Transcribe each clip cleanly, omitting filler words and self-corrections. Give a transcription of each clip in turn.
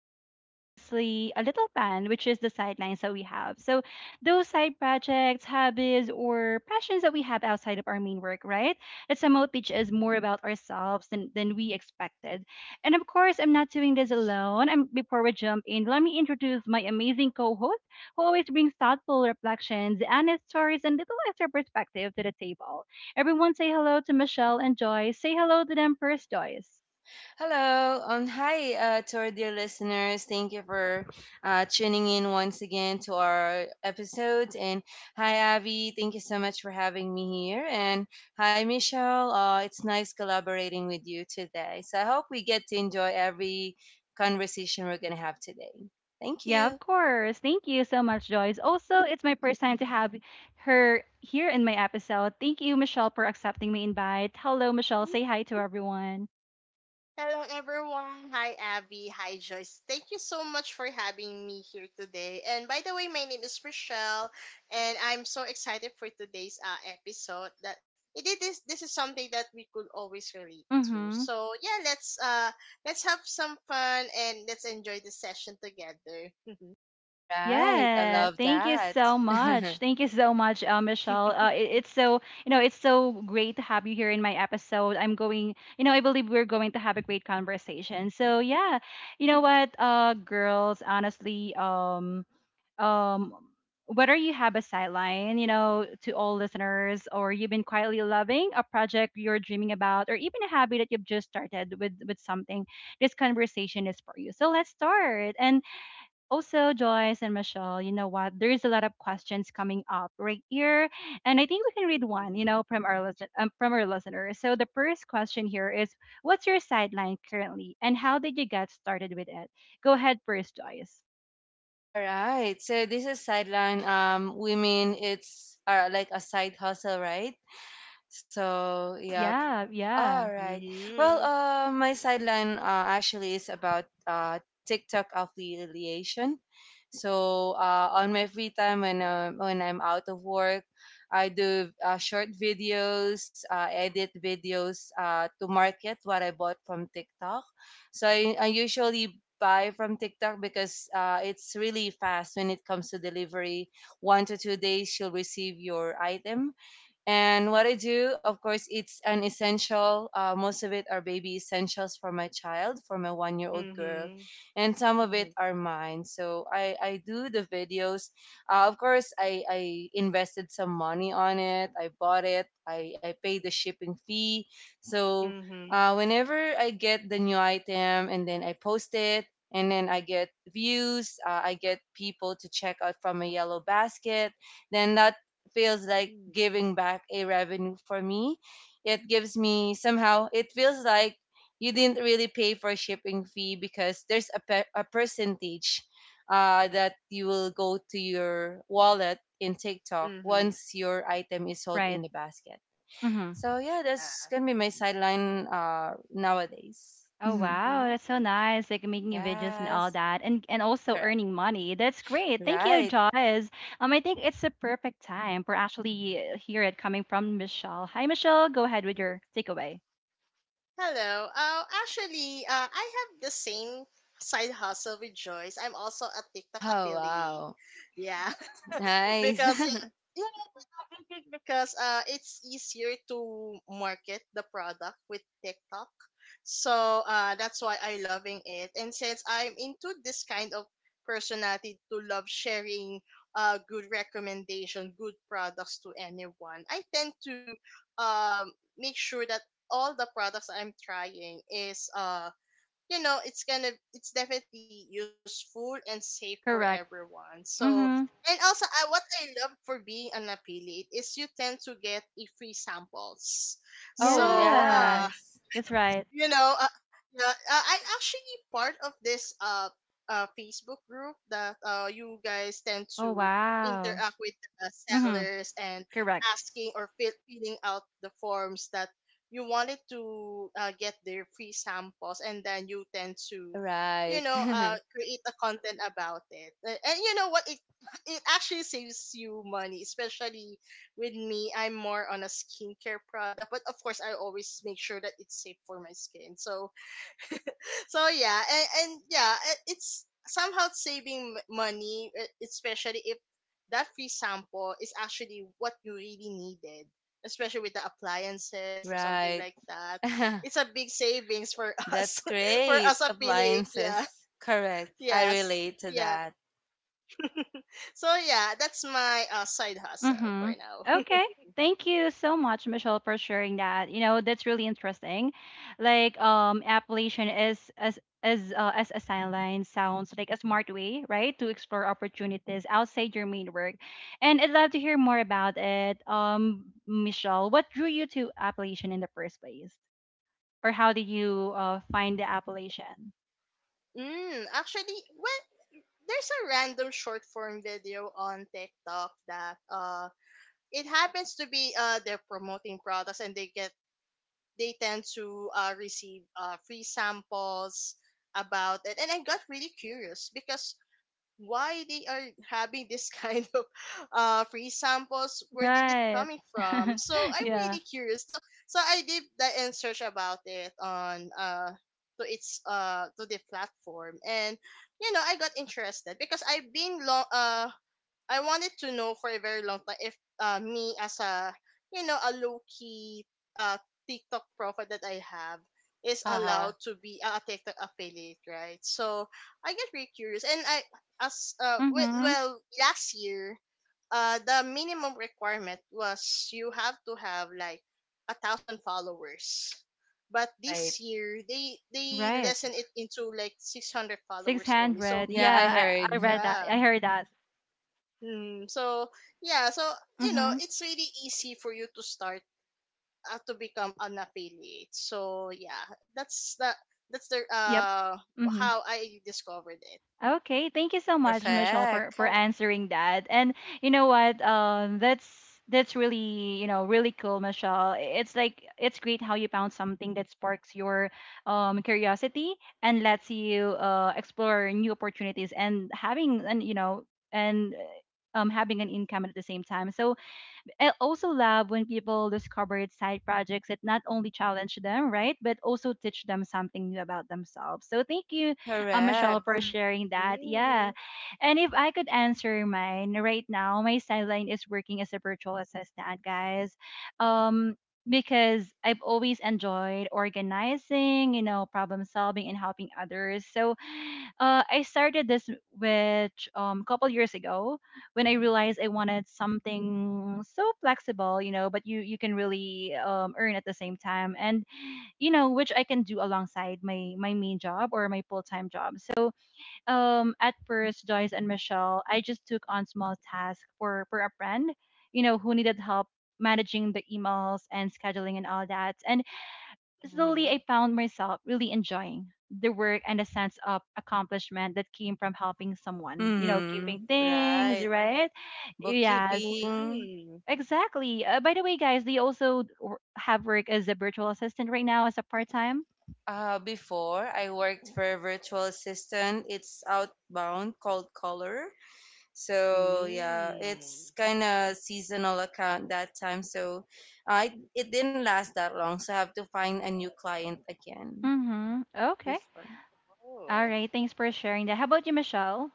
inspiring, honestly, a little fun, which is the sidelines that we have. So, those side projects, hobbies, or passions that we have outside of our main work, right? That somehow teach us more about ourselves than we expected. And of course, I'm not doing this alone. And before we jump in, let me introduce my amazing co-host, who always brings thoughtful reflections, honest stories, and little extra perspective to the table. Everyone say hello to Michelle and Joyce. Say hello to them first, Joyce. Hello, hi to our dear listeners. Thank you for tuning in once again to our episodes. And hi, Avi. Thank you so much for having me here. And hi, Michelle. It's nice collaborating with you today. So I hope we get to enjoy every conversation we're going to have today. Thank Yeah, you. of course. Thank you so much, Joyce. Also, it's my first time to have her here in my episode. Thank you, Michelle, for accepting my invite. Hello, Michelle. Say hi to everyone. Hello, everyone. Hi, Abby. Hi, Joyce. Thank you so much for having me here today. And by the way, my name is Rochelle, and I'm so excited for today's episode. That it is this is something that we could always relate to. Mm-hmm. So yeah, let's have some fun and let's enjoy the session together. All right. I Yeah, love thank you that. so much. Thank you so much, Michelle. It's so it's so great to have you here in my episode. I believe we're going to have a great conversation. So yeah, girls, honestly, um whether you have a sideline, you know, to all listeners, or you've been quietly loving a project you're dreaming about, or even a hobby that you've just started with something, this conversation is for you. So let's start. And also, Joyce and Michelle, you know what? There's a lot of questions coming up right here, and I think we can read one, you mm-hmm. know, from our listen from our listeners. So the first question here is, what's your sideline currently, and how did you get started with it? Go ahead first, Joyce. All right. So this is sideline women it's are like a side hustle, right? So yeah, Yeah, all yeah. right. Well, my sideline actually is about TikTok affiliation. So on my free time when I'm out of work, I do short videos, edit videos to market what I bought from TikTok. So I usually buy from TikTok because it's really fast when it comes to delivery. One to two days, you'll receive your item, and what I do, of course, it's an essential. Most of it are baby essentials for my child, for my one-year-old girl, Mm-hmm. and some of it Mm-hmm. are mine. So I do the videos. Of course, I invested some money on it. I bought it. I paid the shipping fee. So Mm-hmm. Whenever I get the new item and then I post it. And then I get views, I get people to check out from a yellow basket, then that feels like giving back a revenue for me. It gives me somehow, it feels like you didn't really pay for shipping fee because there's a percentage that you will go to your wallet in TikTok Mm-hmm. once your item is sold in Right. the basket. Hmm. So yeah, that's gonna be my sideline nowadays. Oh Mhm. wow, that's so Yeah. nice. Like making videos and all Yes, that, and also correct. earning money. That's great. Thank you, Right. Jaws. I think it's the perfect time for actually hear it coming from Michelle. Hi, Michelle. Go ahead with your takeaway. Hello. Actually, I have the same side hustle with Joyce. I'm also a TikTok Oh affiliate. wow, Yeah, nice. because yeah, yeah, yeah, because it's easier to market the product with TikTok. So that's why I loving it. And since I'm into this kind of personality to love sharing good recommendation, good products to anyone, I tend to um make sure that all the products I'm trying is it's gonna it's definitely useful and safe for Correct. everyone. So Mm-hmm. and also I what I love for being an affiliate is you tend to get a free samples. Oh So Yeah, yes, that's right. you know, uh, yeah, I'm actually part of this Facebook group that you guys tend Oh to wow. interact with the Mm-hmm. sellers and Correct. asking or filling out the forms that you wanted to get their free samples, and then you tend to, right. Create a content about it. And you know what? It actually saves you money, especially with me, I'm more on a skincare product, but of course, I always make sure that it's safe for my skin. So yeah, and yeah, it's somehow saving money, especially if that free sample is actually what you really needed, especially with the appliances or something Right. like that. It's a big savings for us, That's for great. us affiliate. Yeah, Appliances. Correct. I yes, relate to yeah. that. So yeah, that's my side hustle for Mm-hmm. now. Okay. Thank you so much, Michelle, for sharing that. You know, that's really interesting. Like, Appalachian is as a sideline sounds like a smart way, right, to explore opportunities outside your main work. And I'd love to hear more about it. Michelle, what drew you to Appalachian in the first place, or how did you find the Appalachian? Actually, well, there's a random short form video on TikTok that it happens to be they're promoting products and they tend to receive free samples about it, and I got really curious because why they are having this kind of free samples, where did it Right. coming from, so I'm Yeah. really curious. So I did that and search about it on to the platform, and you know I got interested because I've been long I wanted to know for a very long time if me as a you know a low key uh TikTok profile that I have is Haha. allowed to be a TikTok affiliate, right? So I get very curious, and I as uh wi- Mm-hmm. well last year the minimum requirement was you have to have like a thousand followers, but Right. this year they Right. lessen it into like 600 Six followers only. hundred. So Yeah, I Yeah, I heard. read that. yeah. I heard that. Hmm. so yeah, so you know, Mm-hmm. it's really easy for you to start to become an affiliate. So yeah, that's the that's the Yep. Mm-hmm. how I discovered it. Okay. Thank you so much, Michelle, Perfect. for answering that. And you know what? That's really really cool, Michelle. It's like it's great how you found something that sparks your curiosity and lets you explore new opportunities and having and you know and having an income at the same time. So I also love when people discover side projects that not only challenge them, right, but also teach them something new about themselves. So thank you, Michelle, Correct. for sharing that. Yeah. Mm, And if I could answer mine right now, my sideline is working as a virtual assistant, guys. Um, because I've always enjoyed organizing, you know, problem solving and helping others. So I started this with couple years ago when I realized I wanted something so flexible, you know, but you can really earn at the same time, and you know, which I can do alongside my main job or my full time job. So at first, Joyce and Michelle, I just took on small tasks for a friend, you know, who needed help managing the emails and scheduling and all that. And slowly, mm-hmm. I found myself really enjoying the work and the sense of accomplishment that came from helping someone, you know, keeping Mm-hmm. things Right. right. Yes, Bookkeeping. Mm, exactly. By the way, guys, they also have work as a virtual assistant right now as a part time. Before I worked for a virtual assistant. It's outbound called Color. So yeah, mm. it's kind of seasonal account that time. So I it didn't last that long. So I have to find a new client again. Mm-hmm. Okay. Before. All Oh. right. Thanks for sharing that. How about you, Michelle?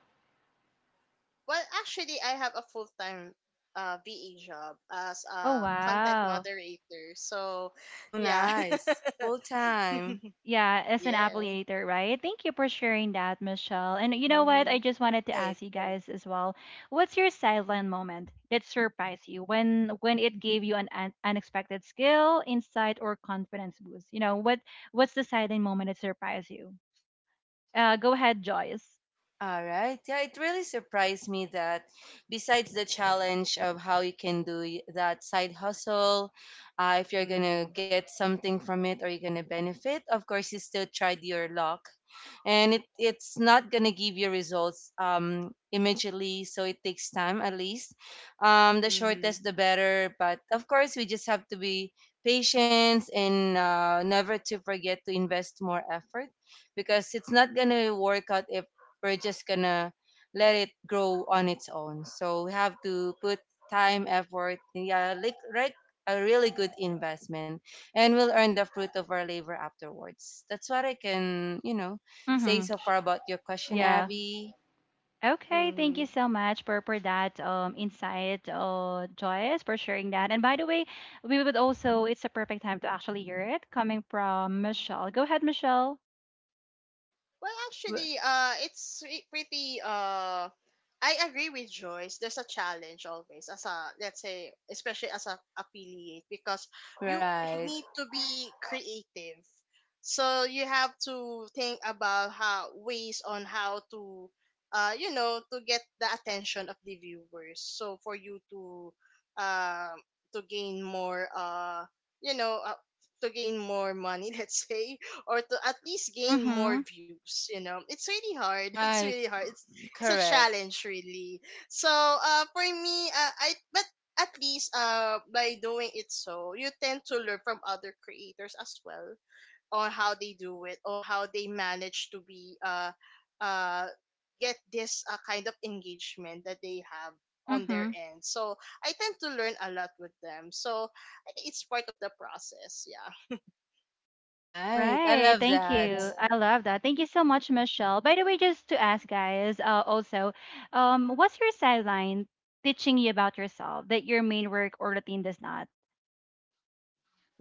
Well, actually, I have a full time VA job as Oh, a content wow. moderator. So Wow, yeah, nice. Full time. Yeah, as an yeah. affiliator, right? Thank you for sharing that, Michelle. And you know what? I Mm-hmm. just wanted to Right. ask you guys as well. What's your silent moment that surprised you when it gave you an, unexpected skill, insight, or confidence boost? You know, what what's the silent moment that surprised you? Go ahead, Joyce. All right. Yeah, it really surprised me that besides the challenge of how you can do that side hustle, if you're going to Mm-hmm. get something from it or you're going to benefit, of course, you still tried your luck. And it's not going to give you results immediately. So it takes time at least. The Mm-hmm. shortest, the better. But of course, we just have to be patient and never to forget to invest more effort because it's not going to work out if we're just gonna let it grow on its own. So we have to put time, effort, yeah, like right, a really good investment, and we'll earn the fruit of our labor afterwards. That's what I can, you know, say Mm-hmm. so far about your question, Yeah. Abby. Okay. Thank you Mm-hmm. so much for that insight, Joyce, for sharing that. And by the way, we would also it's a perfect time to actually hear it coming from Michelle. Go ahead, Michelle. Well, W- actually, it's re- pretty. I agree with Joyce. There's a challenge always as a let's say, especially as a affiliate, because you Right, need to be creative. So you have to think about how ways on how to, to get the attention of the viewers. So for you uh, to gain more, you know, uh, to gain more money, let's say, or to at least gain more Mm-hmm. views, you know, it's really hard. it's right, really hard it's it's a correct, challenge really. So for me I but at least by doing it, so you tend to learn from other creators as well on how they do it or how they manage to be uh get this kind of engagement that they have on their Mm-hmm. end. So I tend to learn a lot with them. So I think it's part of the process. Yeah right. I Right. love Thank that. you. I love that. Thank you so much, Michelle. By the way, just to ask guys, also, what's your sideline teaching you about yourself that your main work or routine does not?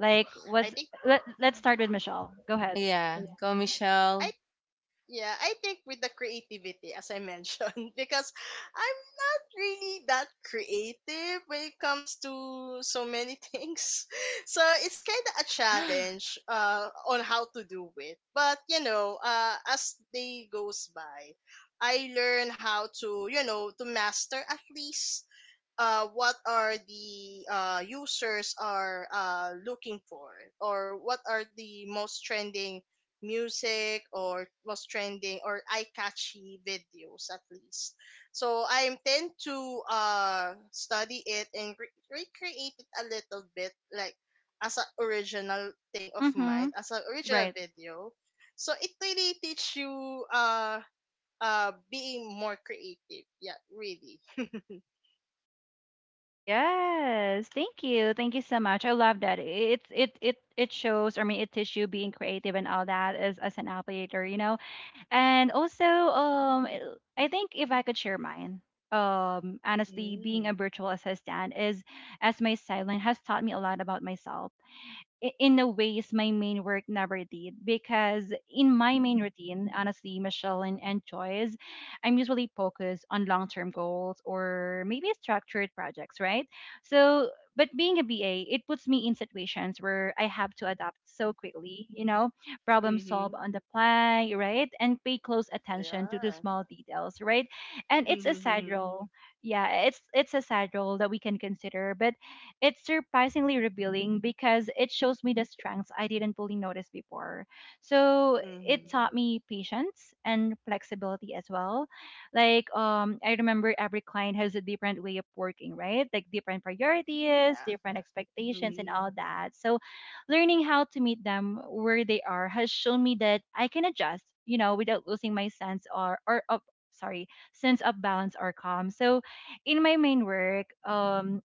Okay. i what's think let's start with Michelle. Go ahead. Yeah, go I Michelle. Yeah, I think with the creativity, as I mentioned, because I'm not really that creative when it comes to so many things. So it's kind of a challenge on how to do it. But, you know, as day goes by, I learn how to, you know, to master at least what are the users are looking for, or what are the most trending music or most trending or eye-catchy videos at least. So I intend to study it and recreate it a little bit, like as an original thing of mine, Mm-hmm. as an original Right. video. So it really teach you being more creative. Yeah, really. Yes. Thank you. Thank you so much. I love that. It shows, I mean, it teaches you being creative and all that as an applicator, you know. And also, I think if I could share mine, honestly, being a virtual assistant is, as my sideline has taught me a lot about myself. In the ways my main work never did, because in my main routine, honestly, Michelle and Joyce, I'm usually focused on long-term goals or maybe structured projects, right? So but being a BA, it puts me in situations where I have to adapt so quickly, you know, problem solve Mhm. on the fly, right, and pay close attention to the Yeah. small details, right? And it's a Mhm. side Mhm. role. Yeah, it's a side role that we can consider, but it's surprisingly revealing because it shows me the strengths I didn't fully notice before. So it Mhm. taught me patience and flexibility as well. Like I remember every client has a different way of working, right? Like different priorities, Yeah. different expectations and Mhm. all that. So learning how to meet them where they are has shown me that I can adjust, you know, without losing my sense or of sorry sense of balance or calm. So in my main work,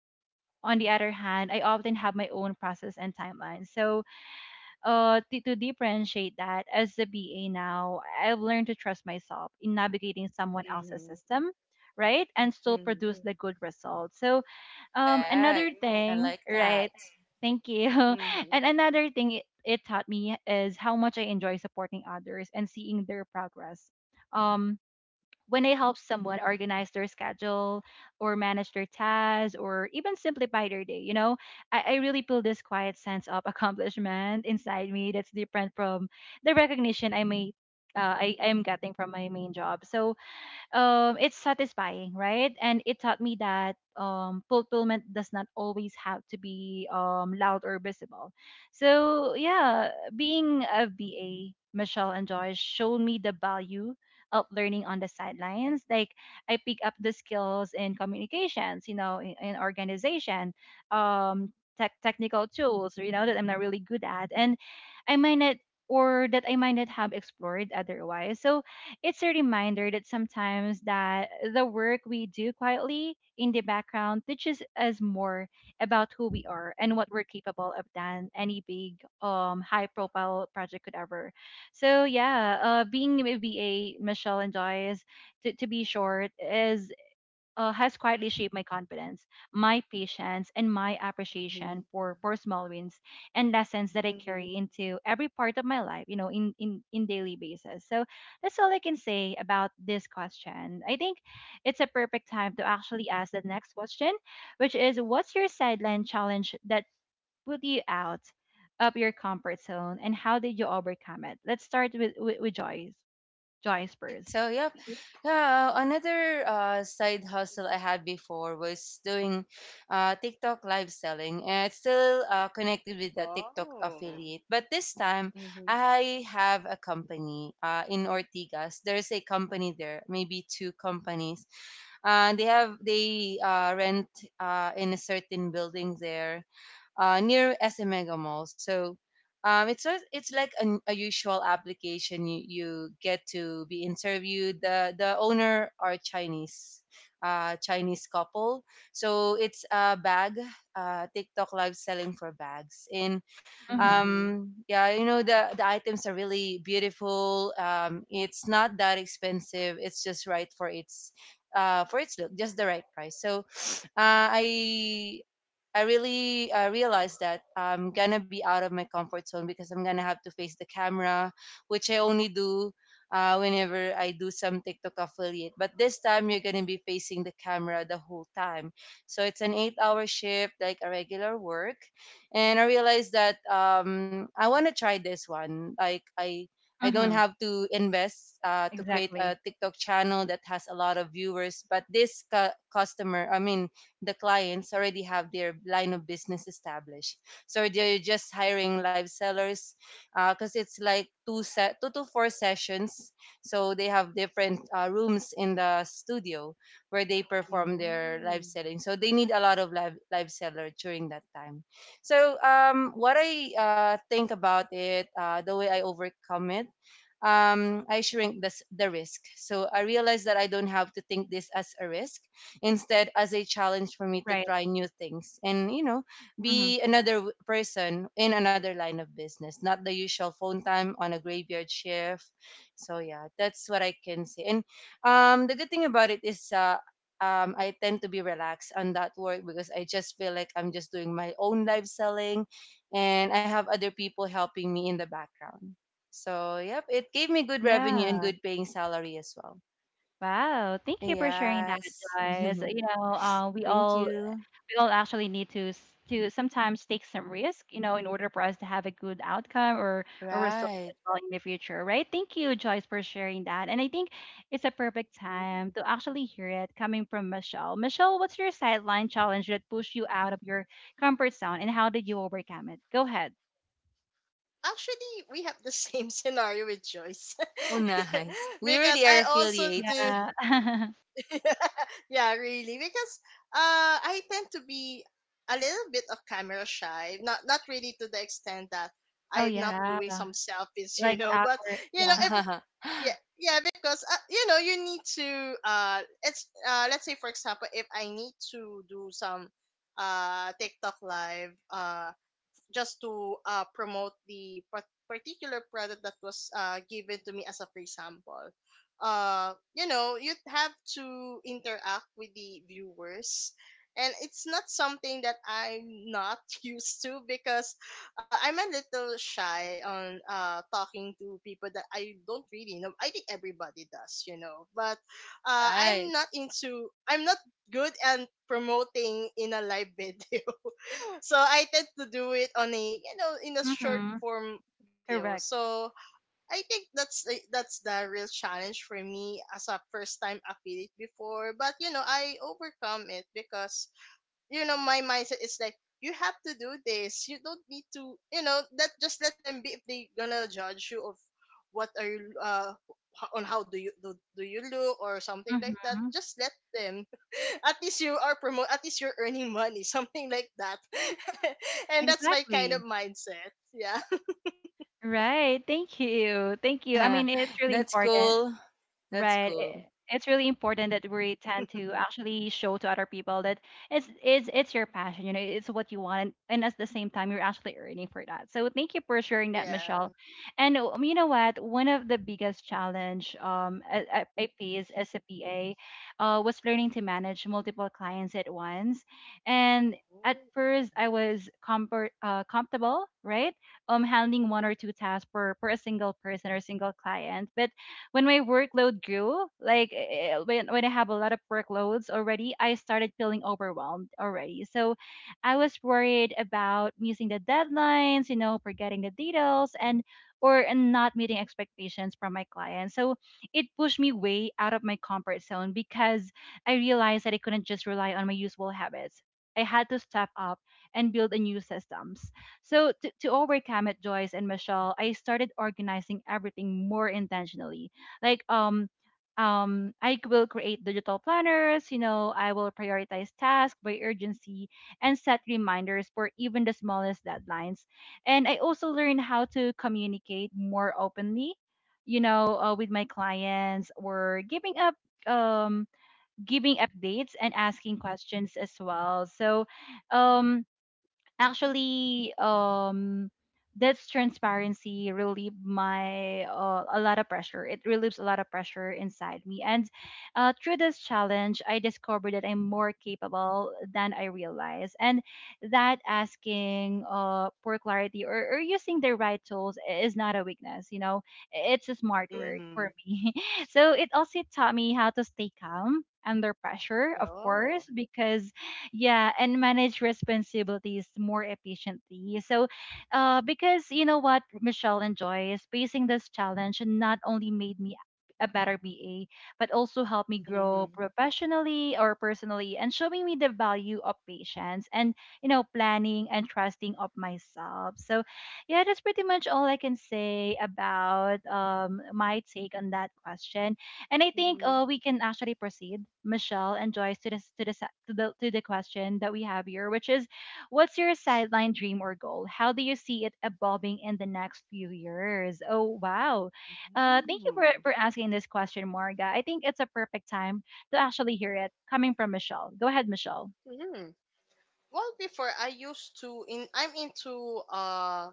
on the other hand, I often have my own process and timeline. So, to differentiate that, as a BA now, I've learned to trust myself in navigating someone else's Mhm. system, right? And still Mhm. produce the good results. So, Correct. another I thing, like that. right? Thank you. Mhm. And another thing it taught me is how much I enjoy supporting others and seeing their progress. Um, when I help someone organize their schedule or manage their tasks or even simplify their day, you know, I really feel this quiet sense of accomplishment inside me that's different from the recognition I am getting from my main job. So it's satisfying, right? And it taught me that fulfillment does not always have to be loud or visible. So, yeah, being a VA, Michelle and Joyce showed me the value of learning on the sidelines. Like, I pick up the skills in communications, you know, in organization, um, technical tools, you know, that I'm not really good at. And I might not I might not have explored otherwise. So it's a reminder that sometimes that the work we do quietly in the background teaches us more about who we are and what we're capable of than any big high profile project could ever. So yeah, being a V A, Michelle and Joyce, to be short, is has quietly shaped my confidence, my patience, and my appreciation Mhm. for small wins and lessons that I carry Mhm. into every part of my life, you know, in daily basis. So that's all I can say about this question. I think it's a perfect time to actually ask the next question, which is what's your sideline challenge that put you out of your comfort zone and how did you overcome it? Let's start with Joyce. Joyce Right. first. So, yep. Yeah, another side hustle I had before was doing TikTok live selling, and it's still connected with the TikTok Oh. affiliate. But this time, Mhm. I have a company in Ortigas. There's a company there, maybe two companies. They have they rent in a certain building there, near SM Mega Mall. So it's a, it's like an, a usual application. You get to be interviewed. The owner are Chinese, Chinese couple. So it's a bag, TikTok live selling for bags. And Mm-hmm. Mhm. Yeah, you know the items are really beautiful. It's not that expensive. It's just right for its look, just the right price. So uh, I I really realized that I'm gonna be out of my comfort zone because I'm gonna have to face the camera, which I only do whenever I do some TikTok affiliate. But this time you're gonna be facing the camera the whole time, so it's an eight-hour shift like a regular work. And I realized that I wanna try this one. Like I. I don't Mm-hmm. have to invest to create Exactly. a TikTok channel that has a lot of viewers, but this customer, I mean, the clients already have their line of business established. So they're just hiring live sellers because it's like two to four sessions. So they have different rooms in the studio where they perform their live Mm. selling. So they need a lot of live seller during that time. So what I think about it, the way I overcome it, I shrink the risk. So I realize that I don't have to think this as a risk instead as a challenge for me to Right. try new things, and you know, Hmm. be another person in another line of business, not the usual phone time on a graveyard shift. So yeah, that's what I can say. And the good thing about it is I tend to be relaxed on that work because I just feel like I'm just doing my own live selling and I have other people helping me in the background. So, yep, it gave me good revenue and Yeah. good paying salary as well. Wow. Thank you for sharing that, Yes. guys. You know, we Thank all you. we all actually need to to sometimes take some risk, you know, in order for us to have a good outcome or results Right. as well in the future, right? Thank you, Joyce, for sharing that. And I think it's a perfect time Mm. to actually hear it coming from Michelle. Michelle, what's your sideline challenge that pushed you out of your comfort zone, and how did you overcome it? Go ahead. Actually, we have the same scenario with Joyce. Oh, nice. We because really are I also do. affiliates. Yeah. yeah, really. Because I tend to be a little bit of camera shy. Not not really to the extent that Oh I'm not yeah. doing some selfies, you Like know. But awkward. you Yeah. know, if yeah because you know you need to it's let's say, for example, if I need to do some tiktok live just to promote the particular product that was given to me as a free sample. You know, you'd have to interact with the viewers. And it's not something that I'm not used to because I'm a little shy on talking to people that I don't really know. I think everybody does, you know. But Right. I'm not into, I'm not good at promoting in a live video. So I tend to do it on a you know in a short Mm-hmm. form video. Correct. So I think that's the real challenge for me as a first time affiliate before, but you know I overcome it because you know my mindset is like you have to do this, you don't need to you know that, just let them be. If they gonna judge you of what are you on how do you do, do you look or something like that, Mhm. just let them at least you are promote, at least you're earning money something like that and that's my kind of Exactly. mindset. Yeah. Right. Thank you. Thank you. I mean, it's really That's important. cool. That's Right. Cool. It's really important that we tend to actually show to other people that it's your passion, you know, it's what you want, and at the same time, you're actually earning for that. So thank you for sharing that, yeah Michelle. And you know what? One of the biggest challenge I faced as a PA was learning to manage multiple clients at once, and at first I was comfortable, right? Handling one or two tasks per a single person or single client, but when my workload grew, when I have a lot of workloads already, I started feeling overwhelmed already. So I was worried about missing the deadlines, you know, forgetting the details and not meeting expectations from my clients. So it pushed me way out of my comfort zone because I realized that I couldn't just rely on my usual habits. I had to step up and build a new systems. So to overcome it, Joyce and Michelle, I started organizing everything more intentionally like I will create digital planners, you know, I will prioritize tasks by urgency and set reminders for even the smallest deadlines. And I also learned how to communicate more openly, you know, with my clients or giving up um giving updates and asking questions as well. So um Actually, that's transparency relieve my a lot of pressure. It relieves a lot of pressure inside me, and through this challenge, I discovered that I'm more capable than I realize, and that asking for clarity or using the right tools is not a weakness. You know, it's a smart Oh, work mm-hmm. for me. So it also taught me how to stay calm under pressure, of oh course, because yeah, and manage responsibilities more efficiently. So because you know what, Michelle and enjoys, facing this challenge not only made me a better BA but also helped me grow mm-hmm. professionally or personally and showing me the value of patience and, you know, planning and trusting of myself. So yeah, that's pretty much all I can say about my take on that question. And I think mhm. We can actually proceed, Michelle and Joyce, to this to the se- to the question that we have here, which is, what's your sideline dream or goal? How do you see it evolving in the next few years? Oh wow, thank you for asking this question, Marga. I think it's a perfect time to actually hear it coming from Michelle. Go ahead, Michelle. Mm-hmm. Well, before I used to in I'm into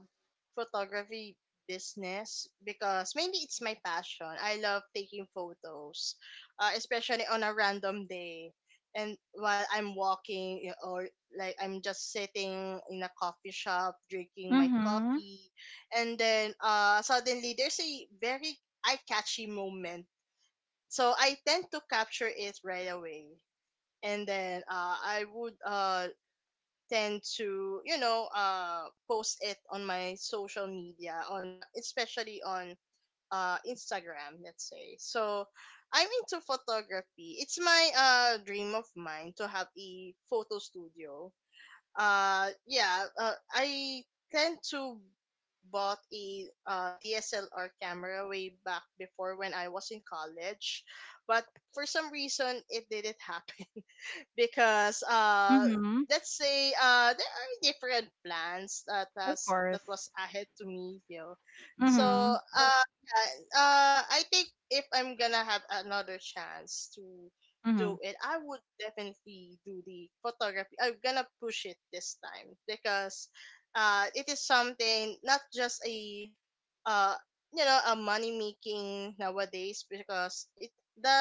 photography business because mainly it's my passion. I love taking photos, especially on a random day and while I'm walking you know, or like I'm just sitting in a coffee shop drinking my Mm-hmm. coffee, and then suddenly there's a very eye-catchy moment. So I tend to capture it right away, and then I would tend to you know post it on my social media, on my, especially on Instagram, let's say. So I'm into photography. It's my dream of mine to have a photo studio. Yeah I tend to bought a DSLR camera way back before when I was in college, but for some reason it didn't happen because Mm-hmm. let's say there are different plans that Of has course. that was ahead to me, you know. Mm-hmm. So yeah, I think if I'm gonna have another chance to Mm-hmm. do it, I would definitely do the photography. I'm gonna push it this time because it is something not just a uh a money making nowadays because it the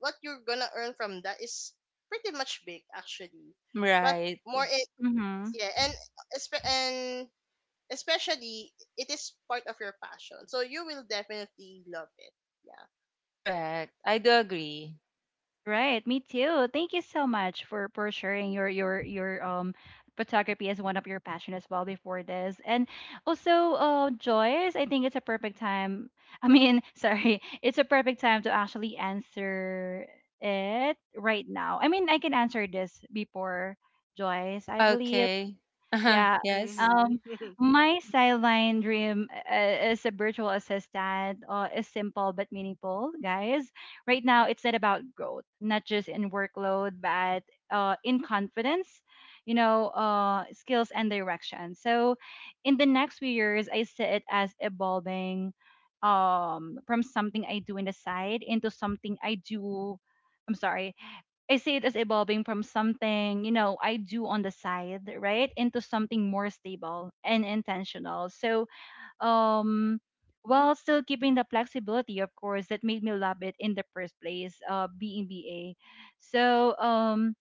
what you're gonna earn from that is pretty much big actually. but Right. more it Mm-hmm. yeah, and espe- and especially it is part of your passion, so you will definitely love it. Yeah. Correct. I do agree. Right, me too. Thank you so much for sharing your photography as one of your passion as well before this. And also, Joyce, I think it's a perfect time. I mean, sorry, it's a perfect time to actually answer it right now. I mean, I can answer this before Joyce, I believe. Okay. Uh-huh. Yeah. Yes. Um, Mm-hmm. my sideline dream is a virtual assistant is simple but meaningful, guys. Right now, it's not about growth, not just in workload, but in confidence, you know, skills and direction. So, in the next few years, I see it as evolving from something I do in the side into something I do. I'm sorry, I see it as evolving from something, you know, I do on the side, right, into something more stable and intentional. So, um, while still keeping the flexibility, of course, that made me love it in the first place, being BA. So,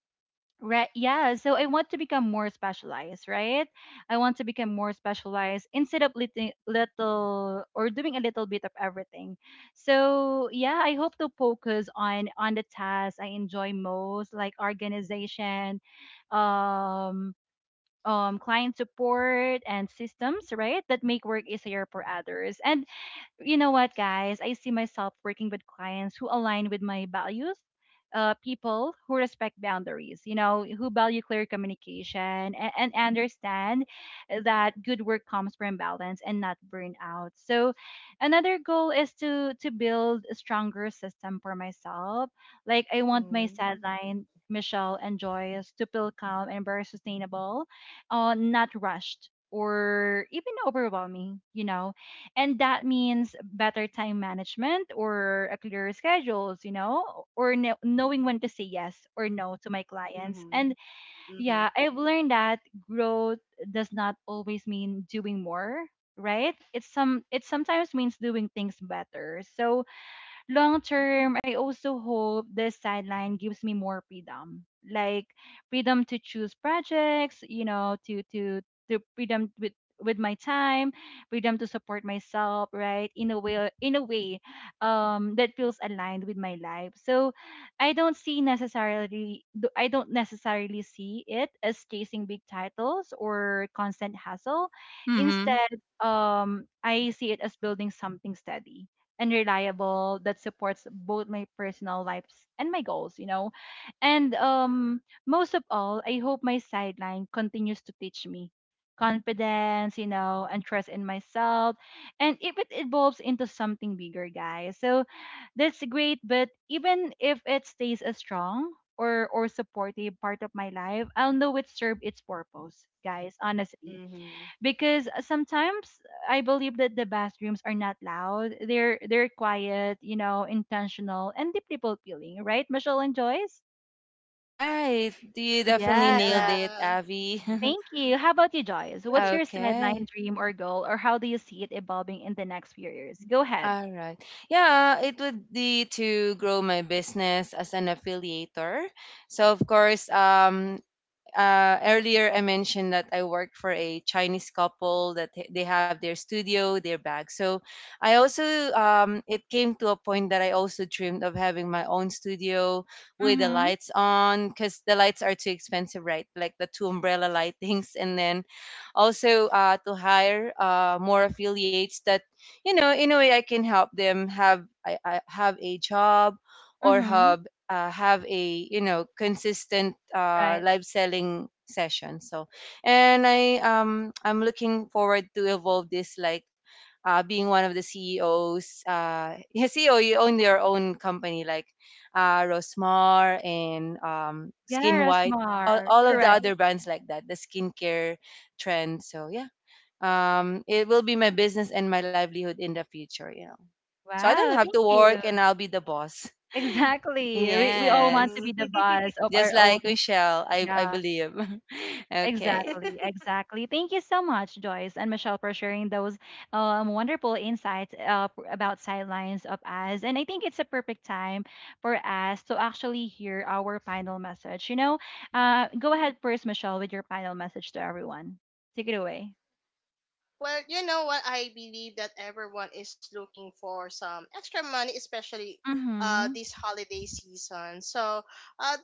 Right. Yeah. So I want to become more specialized, right? I want to become more specialized instead of little, little or doing a little bit of everything. So yeah, I hope to focus on the tasks I enjoy most, like organization, um, client support, and systems, right? That make work easier for others. And you know what, guys? I see myself working with clients who align with my values, people who respect boundaries, you know, who value clear communication and understand that good work comes from balance and not burnout. So, another goal is to build a stronger system for myself. Like I want my mm-hmm. deadline. Michelle and Joyce to feel calm and very sustainable, not rushed or even overwhelming, you know, and that means better time management or a clearer schedules, you know, or knowing when to say yes or no to my clients. Mm-hmm. And Mm-hmm. yeah, I've learned that growth does not always mean doing more, right? It sometimes means doing things better. So long term, I also hope this sideline gives me more freedom, like freedom to choose projects, you know, to freedom with my time, freedom to support myself, right? That feels aligned with my life. So, I don't see I don't necessarily see it as chasing big titles or constant hassle. Mm-hmm. Instead, I see it as building something steady and reliable that supports both my personal lives and my goals, you know. And most of all, I hope my sideline continues to teach me confidence, you know, and trust in myself. And if it evolves into something bigger, guys. So that's great, but even if it stays a strong or supportive part of my life, I'll know it served its purpose, guys, honestly, because sometimes I believe that the best dreams are not loud. They're quiet, you know, intentional and deeply fulfilling, right, Michelle and Joyce? Right. You definitely Yeah. nailed it, yeah Avi. Thank you. How about you, Joyce? What's your sideline Okay. dream or goal, or how do you see it evolving in the next few years? Go ahead. All right. Yeah, it would be to grow my business as an affiliator. So of course, earlier I mentioned that I worked for a Chinese couple that they have their studio, their bag. So I also it came to a point that I also dreamed of having my own studio with the Mm-hmm. lights on because the lights are too expensive, right? Like the two umbrella lightings, and then also to hire more affiliates that you know in a way I can help them have I have a job or Mm-hmm. Have a you know consistent Right. live selling session. So and I I'm looking forward to evolve this, like being one of the CEOs yeah, CEO you own your own company, like Rosmar and Yeah, Skin White, Rasmar. all of the Correct. other brands like that the skincare trend. So yeah, it will be my business and my livelihood in the future, you know, so I don't Wow. have to Thank work you. and I'll be the boss. Exactly. We all Yes, want to mm be the boss of just our own. like Michelle, I Yeah. believe. Okay. Exactly, exactly. Thank you so much, Joyce and Michelle, for sharing those wonderful insights about sidelines of us. And I think it's a perfect time for us to actually hear our final message. You know, go ahead first, Michelle, with your final message to everyone. Take it away. Well, you know what? I believe that everyone is looking for some extra money, especially Mm-hmm. this holiday season. So, uh,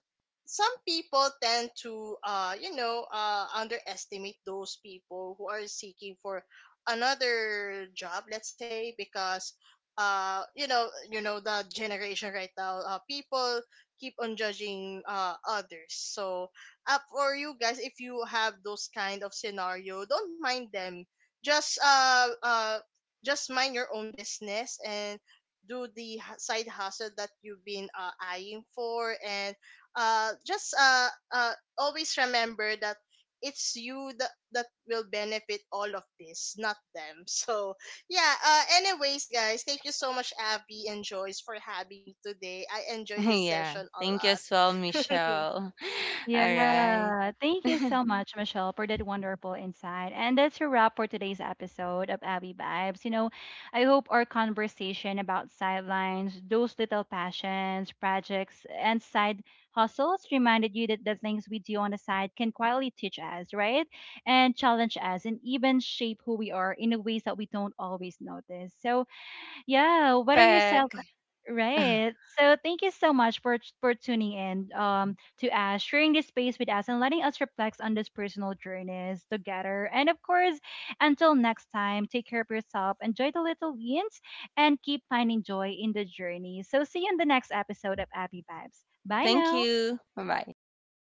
some people tend to, underestimate those people who are seeking for another job, let's say, because. You know, you know the generation right now. People keep on judging others. So, up for you guys, if you have those kind of scenario, don't mind them, just uh uh just mind your own business and do the side hustle that you've been eyeing for, and just uh always remember that it's you that that will benefit all of this, not them. So yeah, anyways guys, thank you so much Abby and Joyce for having me today. I enjoyed this Yeah. session a Thank you as well, lot. Michelle. All right. Yeah, thank you so much, Michelle, for that wonderful insight. And that's a wrap for today's episode of Abby Vibes. You know, I hope our conversation about sidelines, those little passions, projects, and side hustles reminded you that the things we do on the side can quietly teach us, right? And challenge us and even shape who we are in a ways that we don't always notice. So, yeah, whether you're selling Perfect. Right. So thank you so much for tuning in to us, sharing this space with us and letting us reflect on these personal journeys together. And of course, until next time, take care of yourself, enjoy the little wins, and keep finding joy in the journey. So see you in the next episode of Abby Vibes. Bye Thank now. you. Bye bye. Thank